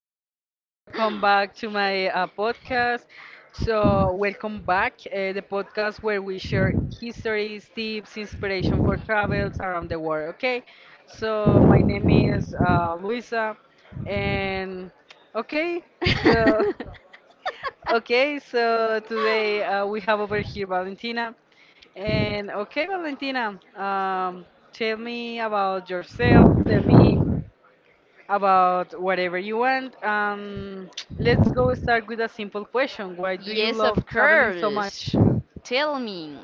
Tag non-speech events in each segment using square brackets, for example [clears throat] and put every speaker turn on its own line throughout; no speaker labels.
Thank you for come back to my podcast.
[laughs]
So, welcome back, the podcast where we share histories, tips, inspiration for travels around the world. Okay, so my name is Luisa, and okay, so [laughs] okay, so today we have over here Valentina, and okay, Valentina, tell me about yourself. Tell me about whatever you want. Let's go
So
start with a simple question. Why
[laughs]
do you
Yes,
love
of
traveling so
much? Course.
much? [laughs]
Tell me.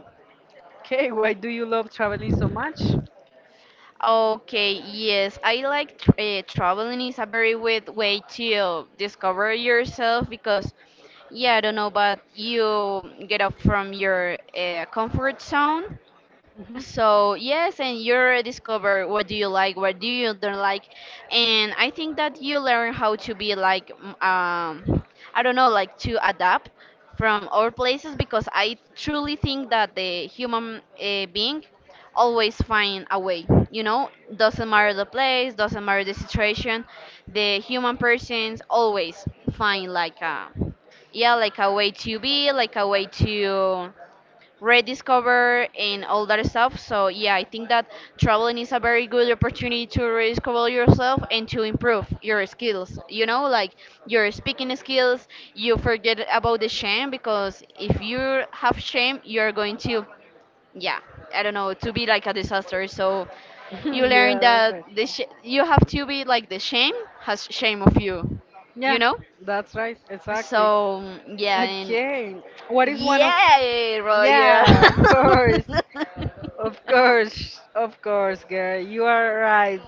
Okay, why do you love traveling so much?
Okay, yes, I like tr traveling is a very good way to discover yourself because yeah, I don't know, but you get up from your comfort zone, so yes, and you already discover what do you like, what do you don't like. And I think that you learn how to be like I don't know, like to adapt from our places, because I truly think that the human being always find a way, you know, doesn't matter the place, doesn't matter the situation, the human persons always find like a, yeah, like a way to be, like a way to rediscover and all that stuff. So yeah, I think that traveling is a very good opportunity to rediscover yourself and to improve your skills. You know, like your speaking skills, you forget about the shame, because if you have shame, you're going to, yeah, I don't know, to be like a disaster. So
[laughs]
you learn
Yeah, that's
that
right. [laughs]
you have to be like the shame has shame of you, you
Yeah,
know?
that's right. Exactly.
So yeah, and
Okay. What is one of.
Yay, Roger!
Yeah, of course. Of course. Of course, girl. You are right.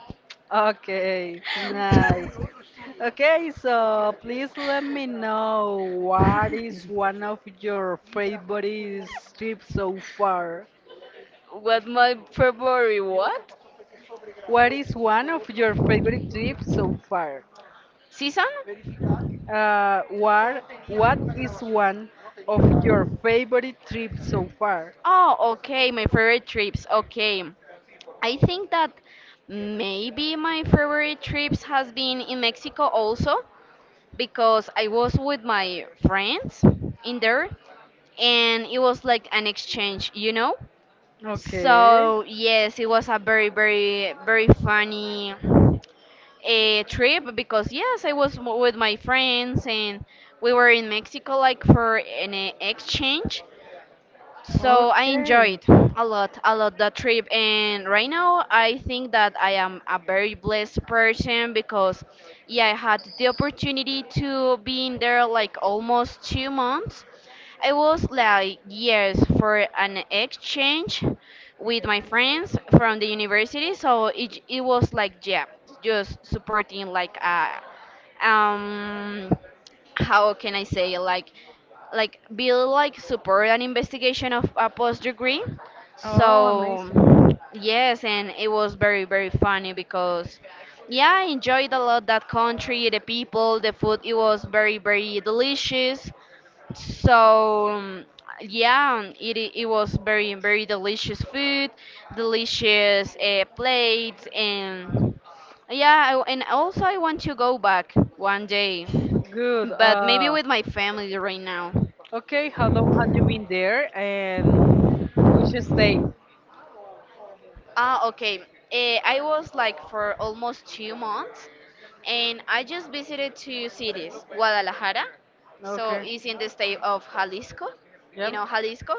Okay, nice. Okay, so please let me know what is one of your favorite trips so far?
What my February what?
What is one of your favorite trips so far?
Season?
What is one of your favorite trips so far?
Oh, okay, my favorite trips. Okay. I think that maybe my favorite trips has been in Mexico also, because I was with my friends in there, and it was like an exchange, you know?
Okay,
So yes, it was a very funny a trip, because yes, I was with my friends, and we were in Mexico like for an exchange, so I enjoyed
okay.
a lot the trip. And right now I think that I am a very blessed person because, yeah, I had the opportunity to be in there like almost 2 months. It was like years for an exchange with my friends from the university, so it was like, yeah, just supporting like um how can I say, like Bill, like support an investigation of a post degree.
Oh,
So
amazing.
yes, and it was very very funny because yeah, I enjoyed a lot that country, the people, the food. It was very very delicious. So yeah, it was very very delicious food, delicious plates. And yeah, I, and also I want to go back one day,
Good.
but maybe
Uh,
with my family right now.
okay, how long had you been there and which state?
Ah, okay. Eh, I was like for almost 2 months, and I just visited two cities, Guadalajara, so
Okay.
it's in the state of Jalisco. You
Yeah.
know Jalisco?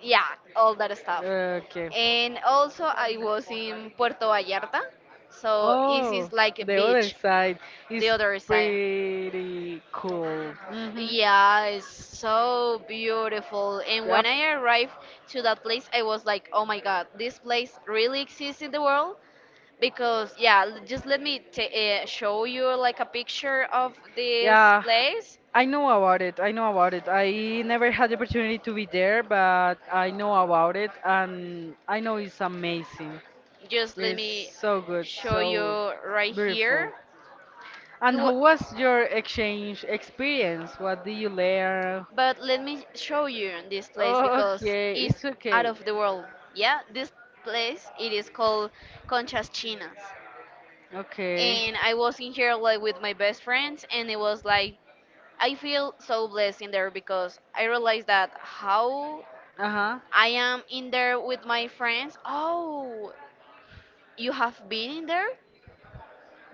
Yeah, all that stuff.
Okay.
And also I was in Puerto Vallarta, so it
Oh,
is like a
the other
beach,
side is
the other side.
pretty cool. Yeah.
Yeah, it's so beautiful. And when
Yep.
I arrived to that place, I was like, oh my god, this place really exists in the world? Because yeah, just let me ta show you like a picture of this
Yeah,
place.
I know about it. I know about it. I never had the opportunity to be there, but I know about it, and I know it's amazing.
Just let
It's
me
so good,
show
so
you right here.
beautiful.
It
And how
wa-
was your exchange experience? What did you learn?
but let me show you this place, because
Okay,
it's
it's
out
okay.
of the world. Yeah, this place it is called Conchas Chinas,
Okay.
and I was in here like with my best friends, and it was like I feel so blessed in there, because I realized that how
Uh huh.
I am in there with my friends. Oh, you have been in there?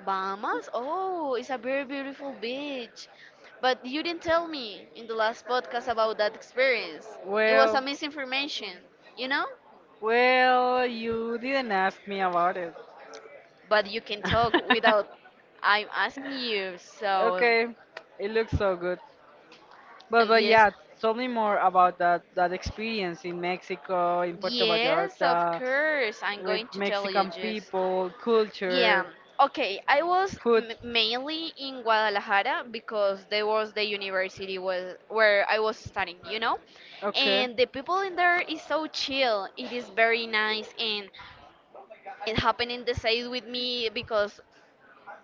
Bahamas? Oh, it's a very beautiful beach. But you didn't tell me in the last podcast about that experience. It was a
Well.
misinformation, you know?
Well, you didn't ask me about it. [laughs]
But you can talk without I'm asking you. So,
Okay, it looks so good. But
yes.
yeah, tell me more about that experience in Mexico, in Puerto
Yes, of
Vallarta,
course. I'm
with
going to tell you
Mexican
just.
people,
Yeah.
culture,
Okay, I was
food.
mainly in Guadalajara, because there was the university was where I was studying, you know?
Okay.
And the people in there is so chill. It is very nice, and it happened in the same with me, because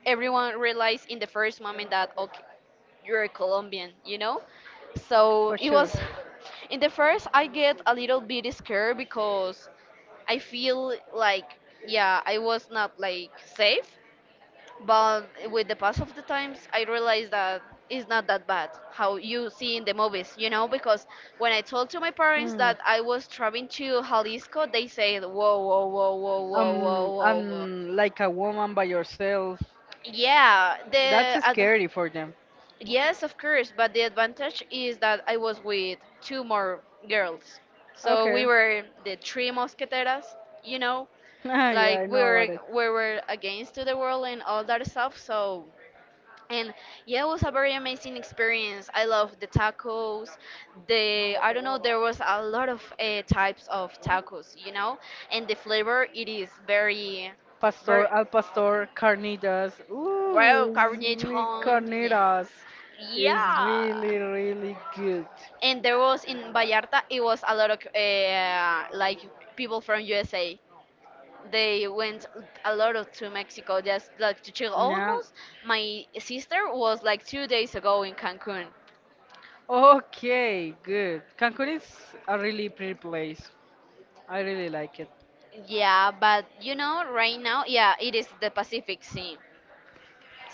everyone realized in the first moment that okay, you're a Colombian, you know? So
For
it
sure.
was in the first I get a little bit scared, because I feel like yeah, I was not like safe, but with the pass of the times I realized that it's not that bad how you see in the movies, you know, because when I told to my parents
Mm.
that I was traveling to Jalisco, they said whoa whoa whoa whoa whoa
Um,
whoa whoa whoa."
and like a woman by yourself,
Yeah,
that's scary for them.
yes, of course, but the advantage is that I was with two more girls, so
Okay.
we
[laughs]
were the three mosqueteras, you know,
Ah, yeah, I
like we
know
were
what it.
we were against to the world and all that stuff. So and yeah, it was a very amazing experience. I love the tacos. The I don't know, there was a lot of types of tacos, you know, and the flavor it is very,
Pastor,
very
al pastor, carnitas.
well
Ooh,
carnation. Yeah,
carnitas is
yeah.
really, really good.
And there was in Vallarta, it was a lot of like people from USA. They went a lot of to Mexico just like to chill.
Yeah.
Almost, my sister was like 2 days ago in Cancun.
Okay, good. Cancun is a really pretty place. I really like it.
Yeah, but you know, right now, yeah, it is the Pacific Sea.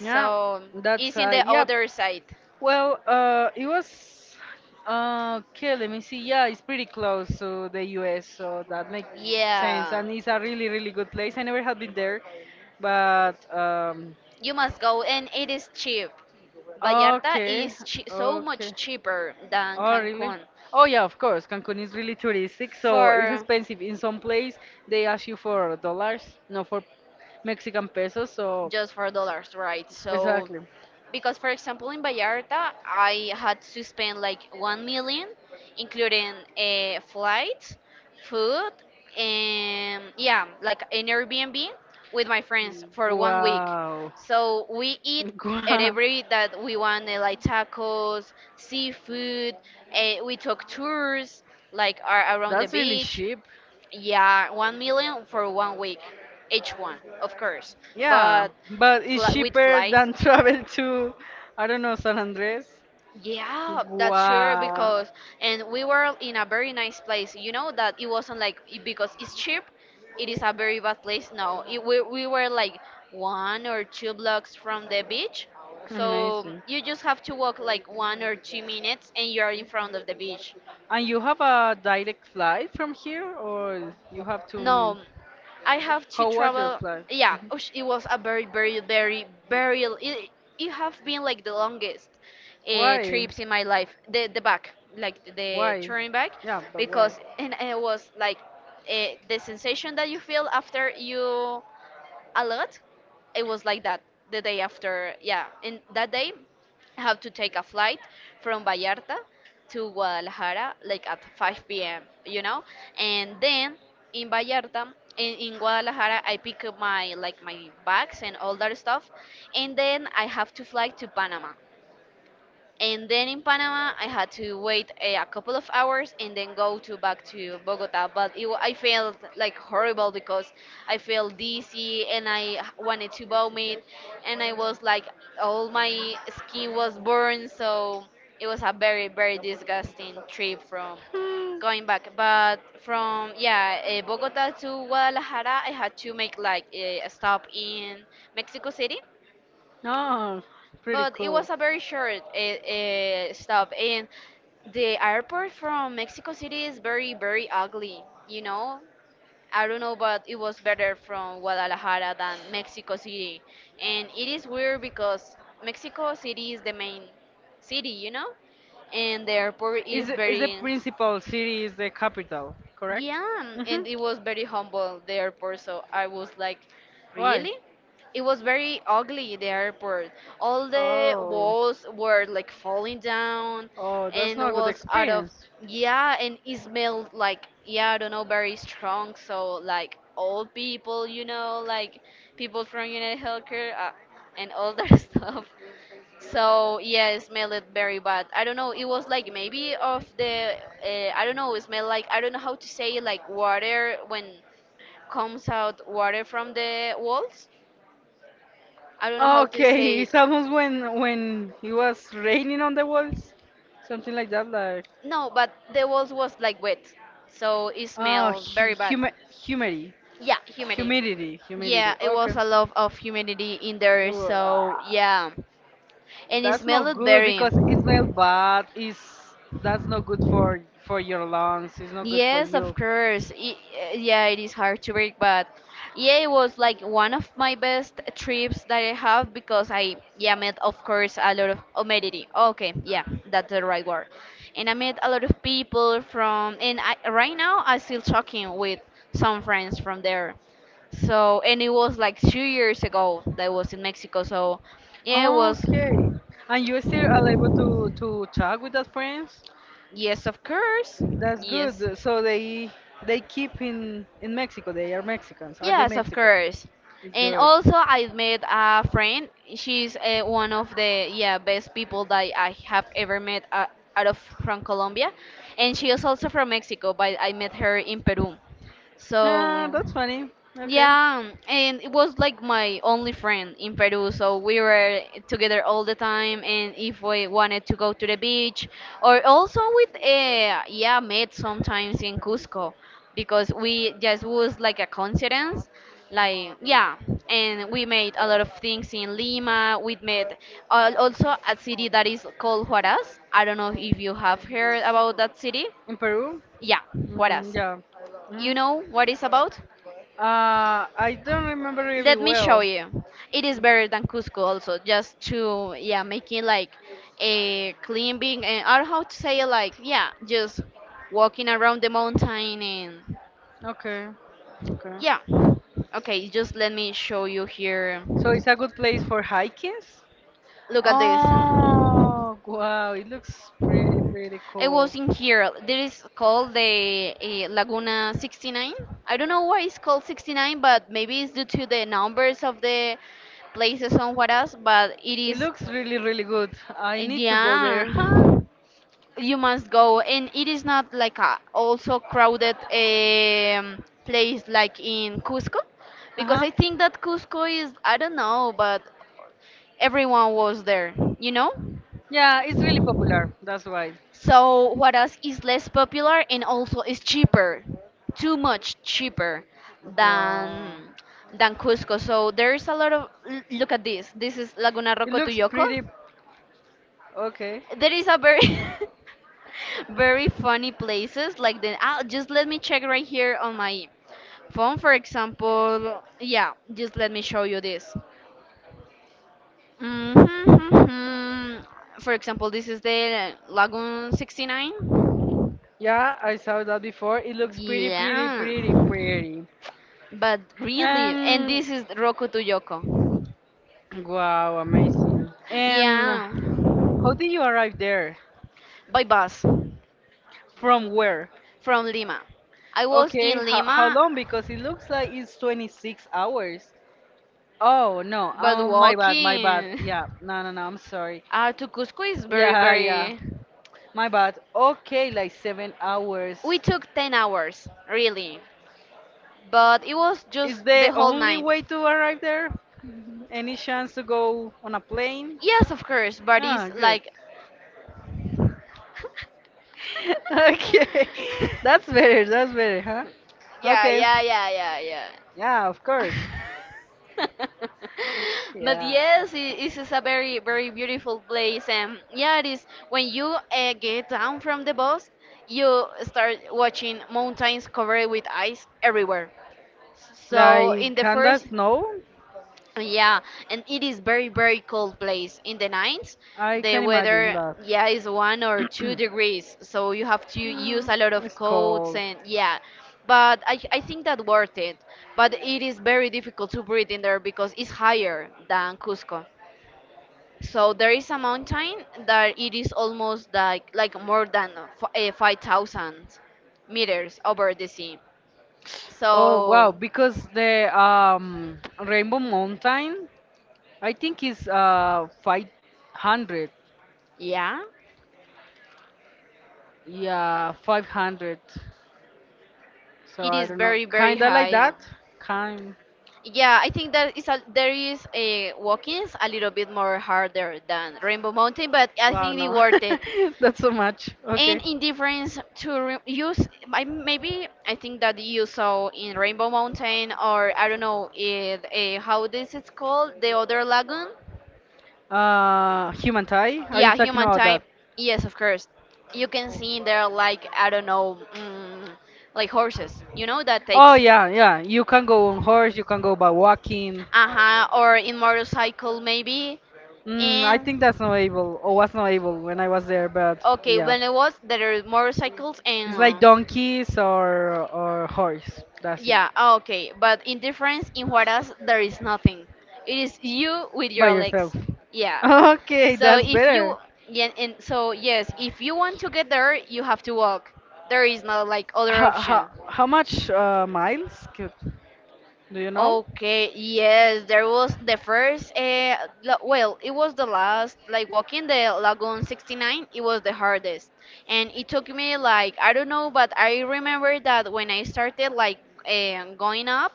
Yeah, that's
it's in the
yeah.
other side.
Well, it was okay. Let me see. Yeah, it's pretty close to the U.S., so that makes sense.
Yeah,
And it's a really, really good place. I never have been there, but
you must go, and it is cheap. Vallarta
okay,
is so
okay.
much cheaper than
Oh, really?
Cancun
Oh, yeah, of course. Cancun is really touristic, so it's
for
expensive. In some place, they ask you for dollars, not for Mexican pesos. So
just $4, right? So
exactly.
because, for example, in Vallarta, I had to spend like 1 million, including a flight, food, and yeah, like an Airbnb with my friends for 1 week.
Wow. [laughs]
So we eat at
Wow.
every that we want, eh, like tacos, seafood. We took tours like around the
That's really
beach.
cheap.
Yeah, 1 million for 1 week, each one, of course,
Yeah,
but
but it's
with
cheaper
flights.
than [laughs] travel to, I don't know, San Andres.
Yeah, that's sure
Wow.
because and we were in a very nice place. You know that it wasn't like because it's cheap, it is a very bad place. No, it, we were like one or two blocks from the beach, so
Amazing.
you just have to walk like 1 or 2 minutes and you are in front of the beach.
And you have a direct flight from here, or you have to?
No, I have to
How was your
travel.
flight?
Yeah,
Mhm.
ush, it was a very. It, it have been like the longest
Why?
trips in my life. The back, like the
Why?
touring back,
Yeah, but why?
because and it was like the sensation that you feel after you a lot. It was like that the day after.
Yeah,
Yeah,
in
in
that
that
day
day I
have
have
to
to
take
take
a
a
flight
flight
from
from
Miami
Vallarta
to
to
Guanaja,
Guadalajara like at
like five
5
years,
p.m.
you
You
know.
know,
And
and
then
then
in in
in
what? I
Vallarta. In,
think
in
my
Guadalajara, I pick up my
like
like my bags and all
back.
that stuff,
And
and
then
then I have to fly
flight to
to Panama.
Panama. And
And
then
then
in
in
Panama
Panama,
I
I
had
had
to,
to wait
yeah.
a
And
couple
then
of
going
hours and then go to
back
back
to
to
Bogota.
Bogota. But
I
I
felt
felt
like
like
horrible
horrible
because.
because
[laughs]
I felt dizzy and I wanted to vomit, and I was like all my skin was burned. So it was a very very disgusting trip from
Hmm.
going back. But from yeah Bogota to Guadalajara, I had to make like a stop in Mexico City,
Oh, pretty
but it
cool.
was a very short stop, and the airport from Mexico City is very, very ugly. You know, I don't know, but it was better from Guadalajara than Mexico City, and it is weird because Mexico City is the main city, you know, and the airport
Is
is
the, is the
very
principal city is the capital, correct?
yeah,
Hmm.
and it was very humble, the airport. So I was like,
Why?
really? It was very ugly, the airport. All the
Oh,
walls were like falling down
oh, that's
and
not a good
was out of,
experience.
yeah, and it smelled like, yeah, I don't know, very strong. So, like, old people, you know, like people from United Healthcare and all that [laughs] stuff. So yeah, it smelled very bad. I don't know. It was like maybe of the I don't know. It smelled like, I don't know how to say it, like water when comes out water from the walls. I don't know how to say
Okay, [laughs] it's
it.
almost when it was raining on the walls, something like that, like
No, but the walls was like wet, so it
oh,
smelled very bad.
humidity,
Yeah, humidity.
humidity, humidity.
Yeah, it
Okay.
was a lot of humidity in there. So
Wow.
yeah, and it
That's not
smelled
good
very.
because it smells bad. Is that's not good for your lungs. It's not good for
Yes, of
you.
course. I yeah, it is hard to break, but yeah, it was like one of my best trips that I have, because I yeah met of course a lot of humanity. Okay, yeah, that's the right word. And I met a lot of people from, and I, right now I still talking with some friends from there. So and it was like 2 years ago that I was in Mexico. So yeah, it was
Okay. And you still are able to talk with those friends?
yes, of course,
That's
yes.
good. So they keep in Mexico. They are Mexicans. Are they
Yes, of
Mexican?
course. And
Good.
also, I met a friend. She's one of the yeah best people that I have ever met out of from Colombia, and she is also from Mexico. But I met her in Peru.
Ah,
So
that's funny. Okay.
yeah, and it was like my only friend in Peru, so we were together all the time. And if we wanted to go to the beach, or also with yeah, met sometimes in Cusco because we just was like a coincidence, like yeah, and we made a lot of things in Lima. We met also a city that is called Huaraz. I don't know if you have heard about that city.
In Peru?
Yeah,
Mm,
Huaraz.
yeah.
You
Mm.
know what it's about?
I don't remember really
Let me show
well.
you. It is better than Cusco also, just to yeah, making like a clean being and or how to say it, like yeah, just walking around the mountain and
Okay. Okay.
yeah. Okay, just let me show you here.
So it's a good place for hikings?
Look at this.
Oh, wow. It looks pretty, pretty
It was
cool.
in here. This is called the Laguna 69. I don't know why it's called 69, but maybe it's due to the numbers of the places somewhere else, but it
It
is
looks really, really good. I need to go
yeah,
there. [laughs]
you must go, and it is not like a also crowded place like in Cusco,
Huh?
because
Uh-huh.
I think that Cusco is I don't know, but everyone was there, you know.
Yeah, it's really popular. That's why.
So what else is less popular and also is cheaper, too much cheaper
Wow.
than than Cusco. So there's a lot of look at this. This is Laguna
It looks
Rocotuyoco.
pretty. Okay.
There is a very [laughs] very funny places like just let me check right here on my phone, for example. Yeah, just let me show you this. hmm for example, this is the lagoon 69.
Yeah, I saw that before. It looks pretty, pretty,
Yeah,
pretty, pretty.
but really. And
Um.
this is roku yoko.
Wow, amazing. And
Yeah.
how did you arrive there?
By bus.
From where?
From Lima. I was
Okay.
in
How
Lima.
long? Because it looks like it's 26 hours. Oh no.
But
My bad. My bad.
walking
Yeah. No. No. No. I'm sorry.
[laughs] to Cusco is very,
Yeah. Yeah.
very.
My bad. Okay, like 7 hours.
We took 10 hours, really. But it was
Is
just
the
the whole
only
night.
way to arrive there? Any chance to go on a plane?
Yes, of course, but it's
Ah, good.
like.
[laughs] Okay, [laughs] that's
[laughs]
better. That's better, huh?
Yeah,
Okay.
yeah, yeah, yeah, yeah.
Yeah, of course.
[laughs] But
Yeah.
yes, it is a very, very beautiful place. And yeah, it is when you get down from the bus, you start watching mountains covered with ice everywhere. So in
Like,
the
can
first,
that snow?
yeah, and it is very very cold place in the nights.
I
The
can imagine
weather,
that.
yeah, is one or two
[clears throat]
degrees, so you have to use
Mm,
a lot of
it's
coats
cold.
and yeah. But I think that worth it. But it is very difficult to breathe in there because it's higher than Cusco. So there is a mountain that it is almost like more than f 5,000 meters over the sea.
Oh wow,
So
because the Rainbow Mountain, I think is 500.
yeah,
Yeah, 500. So
it
I
is
don't know,
very very
kinda like
high.
that. Kind.
Yeah, I think that is a, there is a walkings a little bit more harder than Rainbow Mountain, but I
Wow,
think they
no,
worth it.
[laughs] that's so much. Okay.
And in difference to re- use, I- maybe I think that you saw in Rainbow Mountain, or I don't know if, how this is called, the other lagoon.
Human tie? Are you
Yeah,
talking
human
about
time.
that?
Yes, of course. You can see in there like I don't know, like horses. You know that
Oh
takes.
yeah, yeah. You can go on horse. You can go by walking.
Uh huh. Or in motorcycle maybe.
I
And
think that's not able, or was not able when I was there, but
okay,
yeah.
when it was there are motorcycles
It's like
and
donkeys or horse. That's it.
yeah, oh, okay. But in difference in Juarez there is nothing. It is you with
By
your legs.
yourself. [laughs]
Yeah.
Okay,
So
that's
if you
better.
Yeah, and so yes, if you want to get there, you have to walk. There is no like other
How, how,
option.
how much miles do you know
Okay, yes, there was the first, la- well, it was the last, like walking the Lagoon 69, it was the hardest. And it took me like, I don't know, but I remember that when I started like going up,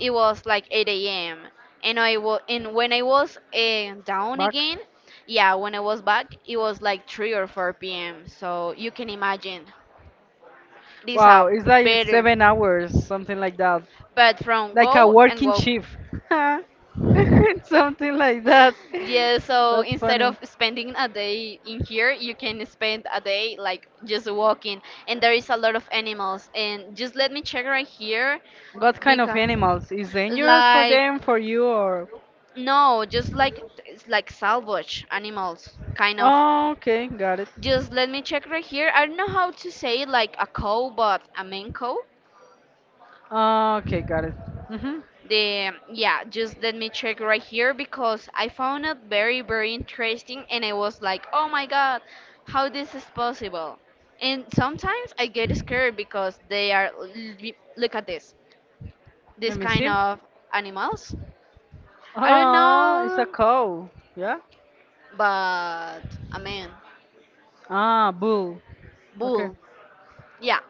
it was like 8 a.m. And when I was down
back?
again, yeah, when I was back, it was like 3 or 4 p.m. So you can imagine, it is a
Wow, it's like
better,
7 hours, something like that.
but from
Like a
go and
working
go.
shift. [laughs] Something like that.
Yeah, so
That's
instead of
funny.
spending a day in here, you can spend a day like just walking, and there is a lot of animals. And just let me check right here
What kind of
because,
animals is dangerous for
like,
them, for you, or?
no, just like it's like salvage animals, kind of.
Oh, okay, got it.
Just let me check right here. I don't know how to say it, like a cow, but a main cow.
Oh, okay, got it. Mm-hmm.
The Yeah, just let me check right here because I found it very very interesting and I was like, "Oh my god, how this is possible?" And sometimes I get scared because they are look at this. This
Let me
kind
see.
of animals. I don't
Oh, it's a
know,
cow. Yeah.
but I mean,
Ah, bull. Okay.
bull. Yeah.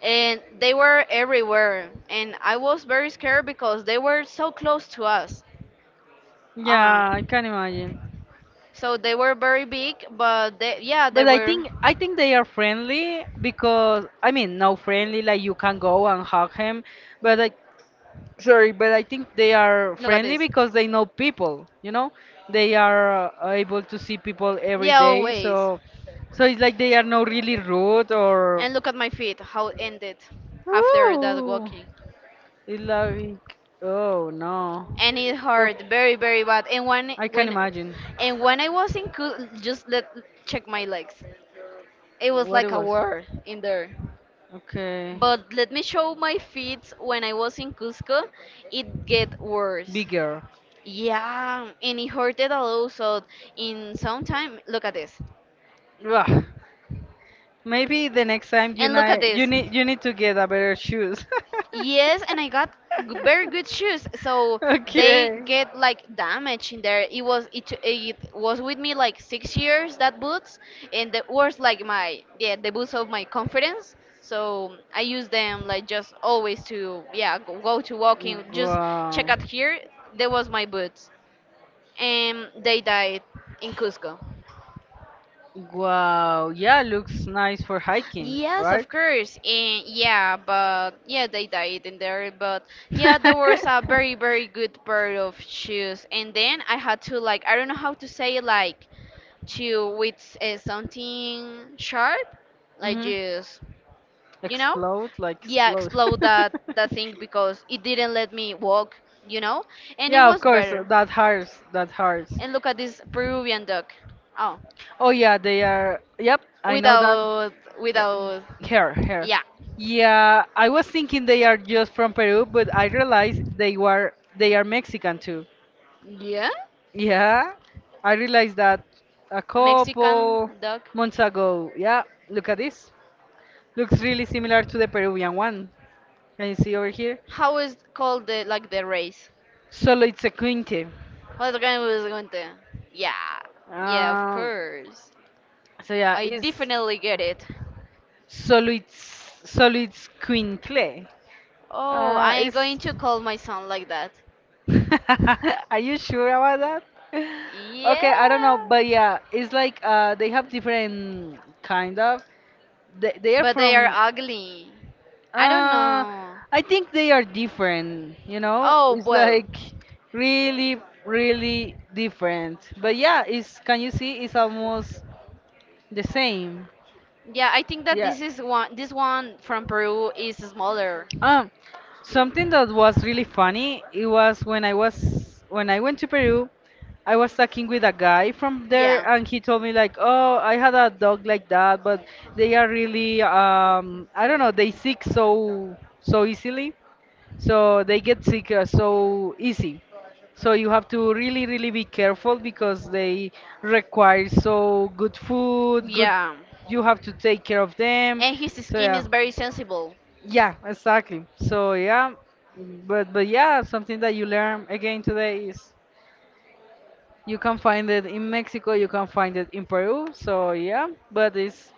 And they were everywhere and I was very scared because they were so close to us.
Yeah,
Um
I can imagine.
So they were very big, but they, yeah,
But I think they are friendly because I mean no friendly like you can go and hug him, but I sorry, but I think they are friendly because they know people, you know? They are able to see people every day, okay. So it's like they are not really rude or
and look at my feet, how it ended
is.
that. Oh,
Ooh,
walking.
it's like oh no.
And it
Poor-
hurt very, very bad. And when I
I can imagine
and when I was in cool, just let check my legs. It was
what it
like a
was.
war in there.
Okay.
But let me show my feeds when I was in Cusco. It get worse.
Bigger.
Yeah, and it hurted a lot. So in some time, look at this.
Ugh. Maybe the next time you
And look at
need you
this.
need you need to get a better shoes. [laughs]
Yes, and I got very good shoes. So they
Okay.
get like damaged in there. It was with me like 6 years that boots, and that was like my yeah the boots of my confidence. So I use them like just always to yeah go to walking. Just
Wow.
check out here. There was my boots, and they died in Cusco.
Wow, yeah, looks nice for hiking,
Yes,
right?
of course. And yeah, but yeah, they died in there. But yeah, there was
[laughs]
a very, very good pair of shoes. And then I had to like, I don't know how to say it, like to with something sharp, like
hmm
just, you know,
Explode, like
yeah,
explode.
explode
[laughs]
that thing because it didn't let me walk, you know. And it
Yeah, of
was
course,
better.
that hurts, that hurts.
And look at this Peruvian dog. Oh,
Oh yeah, they are. Yep, I know them.
without
Yeah.
without,
Hair, hair.
yeah,
Yeah, I was thinking they are just from Peru, but I realized they are Mexican.
yeah.
Yeah, I realized that a
Mexican
couple
dog.
months ago. Yeah, look at this. Looks really similar to the Peruvian one. Can you see over here?
How is called the like the race?
Solo it's a quinte.
What kind was going to? Yeah, yeah, of
Um,
course.
so yeah,
I definitely get it.
it's quincle.
Oh,
Uh,
I'm
it's.
going to call my son like that.
[laughs] Are you sure about that? Okay, I don't know, but
Yeah,
yeah, it's like they have different kind of. They are
but they are
from.
ugly. I don't
Uh,
know.
I think they are different, you know?
Oh
It's
well.
like really, really different. But yeah, it's can you see it's almost the same.
Yeah, I
I
think
think that,
that
yeah,
this
this
is
is one.
one.
This
This
one
one
from
from
Peru
Peru is
is
smaller.
smaller. Something that was really funny, it was when I went to Peru, I was talking with a guy from
Yeah.
there and he told me like, "Oh, I had a dog like that, but they are really I don't know, they sick so easily." So they get sick so easy, so you have to really really be careful because they require so good food good
Yeah.
you have to take care of them.
And his
So
skin
yeah,
is very sensible.
yeah, exactly, so yeah. But yeah, something that you learn again today is you can find it in Mexico, you can find it in Peru. So yeah, but it's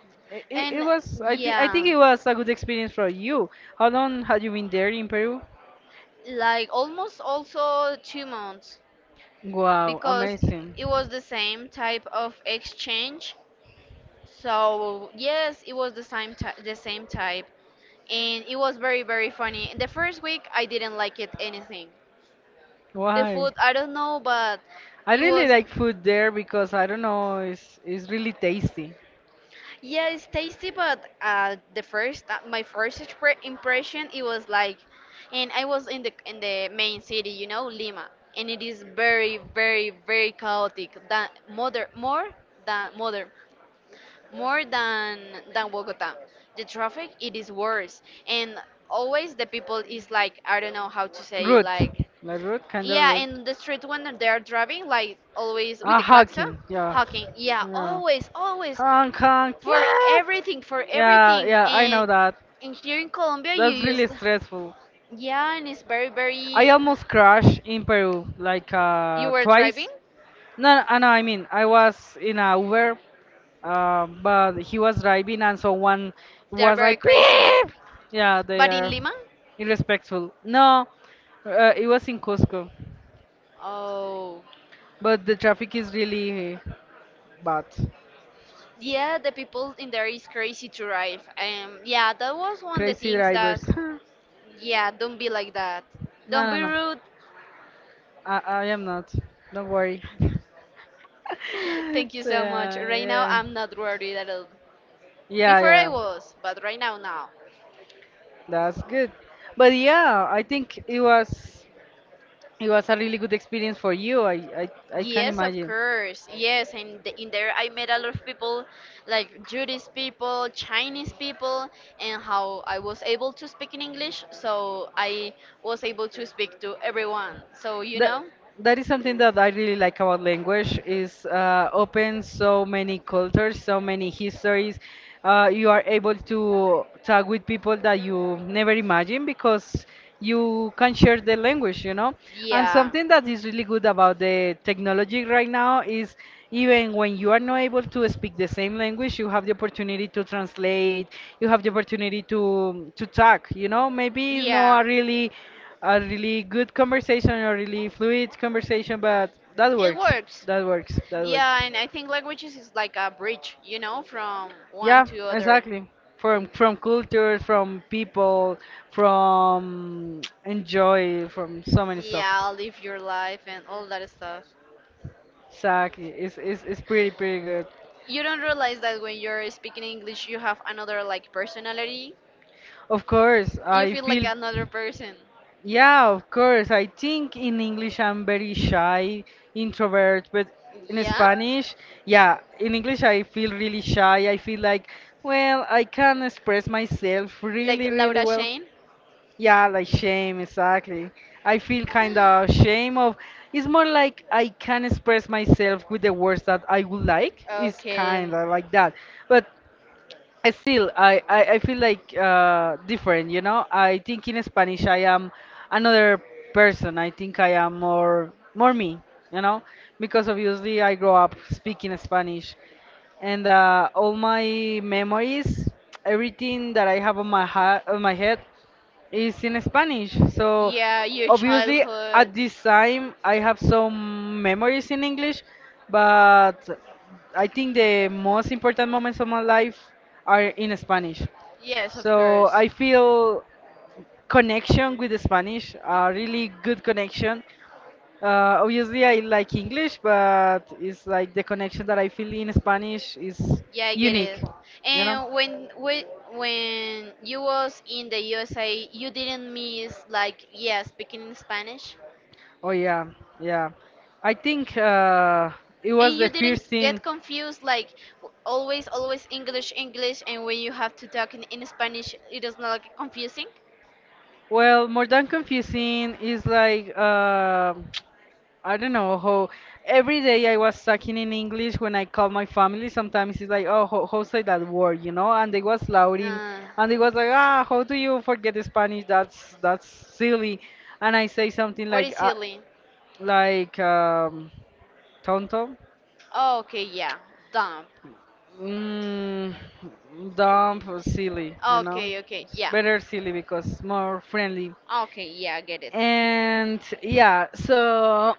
it, it
And
was, i think i
yeah,
think it was a good experience for you. How long had you been there in Peru?
like almost also 2 months,
Wow,
because
amazing.
it was the same type of exchange. So yes, it was the same type, and it was very very funny. The first week I didn't like it anything. The
Why?
food I don't know, but
I
it
really
was.
like food there because I don't know, it's really tasty.
Yeah, it's tasty, but the first my first expre- impression it was like, and I was in the main city, you know, Lima, and it is very very very chaotic than mother more than mother more than Bogota. The traffic it is worse, and always the people is like I don't know how to say it,
Rude,
like
like rude, kind of
yeah,
rude.
in the street when they are driving, like always with
Ah,
the klaxon,
hacking, yeah,
honking. Yeah,
yeah.
always, always,
Hong Kong. [laughs]
for
Yeah,
everything, for
yeah.
everything.
Yeah, I
And,
know that.
and here in Colombia, you
That's
use,
really stressful.
yeah, and it's very,
I
very.
almost crashed in Peru, like
You were driving?
twice. No, no, no, I mean, I was in a Uber. But he was driving and someone
They are
was
very
like,
crazy.
beep! Yeah, they
But in
are
Lima?
irrespectful. No, it was in Cusco,
Oh.
but the traffic is really bad.
Yeah, the people in there is crazy to drive. Yeah, that was one of the
Crazy
things that,
drivers. [laughs] No,
yeah, don't be like that. Don't
no,
be
no.
rude.
I am not. Don't worry.
[laughs] Thank
[laughs]
you
So,
so much.
yeah,
Right now,
yeah,
I'm not worried at all.
yeah,
Before I
yeah.
was, but right now, now.
That's good. But yeah, I think it was a really good experience for you. I can
Yes, of
imagine.
course. Yes, and in there I met a lot of people, like Jewish people, Chinese people, and how I was able to speak in English, so I was able to speak to everyone. So, you
That
know,
that is something that I really like about language is opens so many cultures, so many histories. You are able to talk with people that you never imagined because you can share the language, you know. And
yeah.
something that is really good about the technology right now is even when you are not able to speak the same language, you have the opportunity to translate, you have the opportunity to talk, you know. Maybe it's
Yeah.
not a really good conversation or really fluid conversation, but that
It
works.
works.
That works. That works.
Yeah, and I think languages is like a bridge, you know, from one
Yeah,
to other.
exactly. From culture, from people, from [tsk] enjoy, from so many stuff.
Yeah, live your life and all that stuff.
Exactly. It's pretty pretty good.
You don't realize that when you're speaking English, you have another like personality.
Of course,
You
I
feel like
feel,
another person.
yeah, of course. I think in English I'm very shy, introvert, but in
Yeah?
Spanish, yeah, in English I feel really shy. I feel like, well, I can express myself
Like
really, really
Laura
well.
Shane?
Yeah, like shame, exactly. I feel kind of shame of. It's more like I can express myself with the words that I would like. It's
Okay.
kind of like that, but I still I feel like different. You know, I think in Spanish I am another person. I think I am more me. You know, because obviously I grow up speaking Spanish, and all my memories, everything that I have on my heart, on my head, is in Spanish. So
Yeah, your
obviously,
childhood.
at this time, I have some memories in English, but I think the most important moments of my life are in Spanish.
Yes, of
So
course.
I feel connection with the Spanish, a really good connection, obviously, I like English, but it's like the connection that I feel in Spanish is
Yeah, I get it.
unique, you know?
And when you was in the USA, you didn't miss like yeah, speaking in Spanish,
Oh, yeah, yeah. I think it
and
was
you
the
didn't
first thing.
get confused like always English, and when you have to talk in Spanish, it is not like confusing.
Well, more than confusing is like. I don't know how every day I was sucking in English when I call my family. Sometimes it's like, oh, how say that word, you know? And they was louding,
Uh,
and they was like, ah, how do you forget Spanish? That's silly. And I say something like, tonto,
Okay, yeah. Dump.
mm, dumb, or silly, you know?
Okay, okay,
It's
yeah.
better silly because more friendly.
Okay, yeah, I get it.
And yeah, so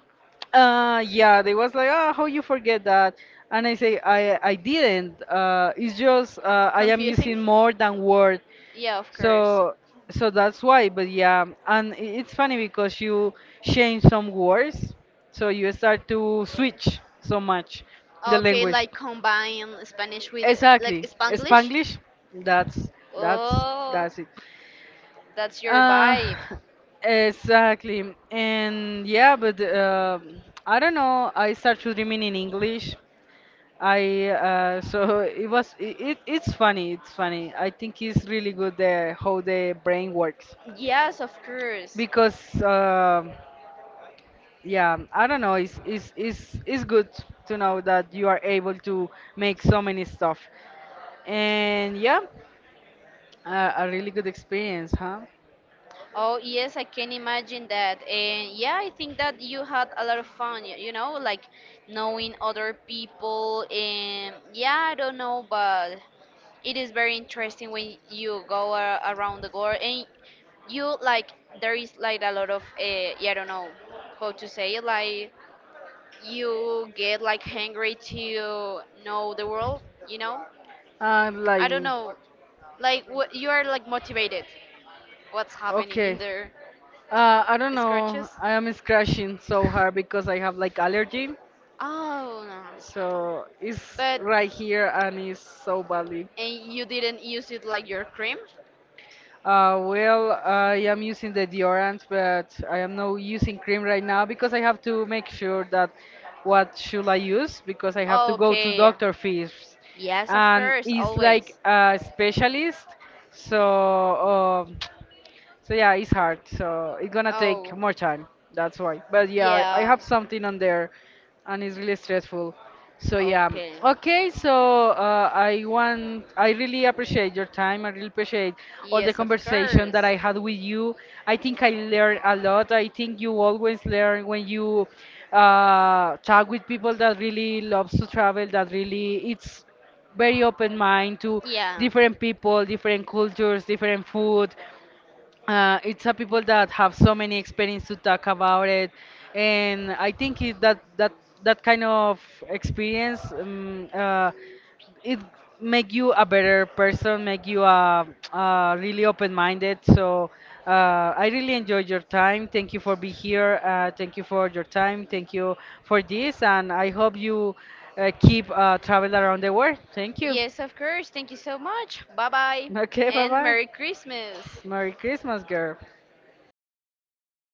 yeah, they was like, "Ah, how you forget that?" And I say, I didn't. It's just I am using more than word.
Yeah, of
So so that's why, but yeah, and it's funny because you change some words, so you start to switch so much the
next,
language.
like combine like,
Exactly. Spanglish, that's that's
oh,
that's it.
that's your
Uh,
vibe.
exactly. And yeah, but I don't know. I start to dreaming in English. I [laughs] so it was it, it's funny. It's funny. I think it's really good the how the brain works
Yes, of course.
because yeah, I don't know. It's good to know that you are able to make so many stuff. And yeah, a really good experience, huh?
Oh, yes, I can imagine that. And yeah, I think that you had a lot of fun, you know, like knowing other people. And yeah, I don't know, but it is very interesting when you go a around the world and you like, there is like a lot of, yeah, I don't know how to say it, like you get like hungry to know the world, you know?
Uh,
I
like,
don't know. Like what you are like motivated. What's happening in
okay,
the
I don't know.
scratches?
I am scratching so hard because I have like allergy.
Oh no.
So it's
But
right here and it's so badly.
and you didn't use it like your cream?
Well, I am using the deodorant, but I am not using cream right now because I have to make sure that what should I use because I have to go to
Okay.
doctor first,
Yes, of
and
course,
it's like
always.
a specialist. So um So yeah, it's hard. So it's gonna
Oh,
take more time. That's why. But yeah, I
yeah.
have something on there, and it's really stressful. So yeah.
Okay.
Okay. So I want. I really appreciate your time. I really appreciate all the
Yes, of
conversation
course.
that I had with you. I think I learned a lot. I think you always learn when you talk with people that really loves to travel. That really it's very open mind to
Yeah.
different people, different cultures, different food it's a people that have so many experience to talk about it, and I think it, that that kind of experience it make you a better person, make you a really open-minded. So uh, I really enjoyed your time. Thank you for being here. Thank you for your time. Thank you for this, and I hope you keep travel around the world. Thank you. [laughs]
Yes, of course. Thank you so much. Bye bye.
Okay, bye
And
bye.
Merry Christmas.
Merry Christmas, girl.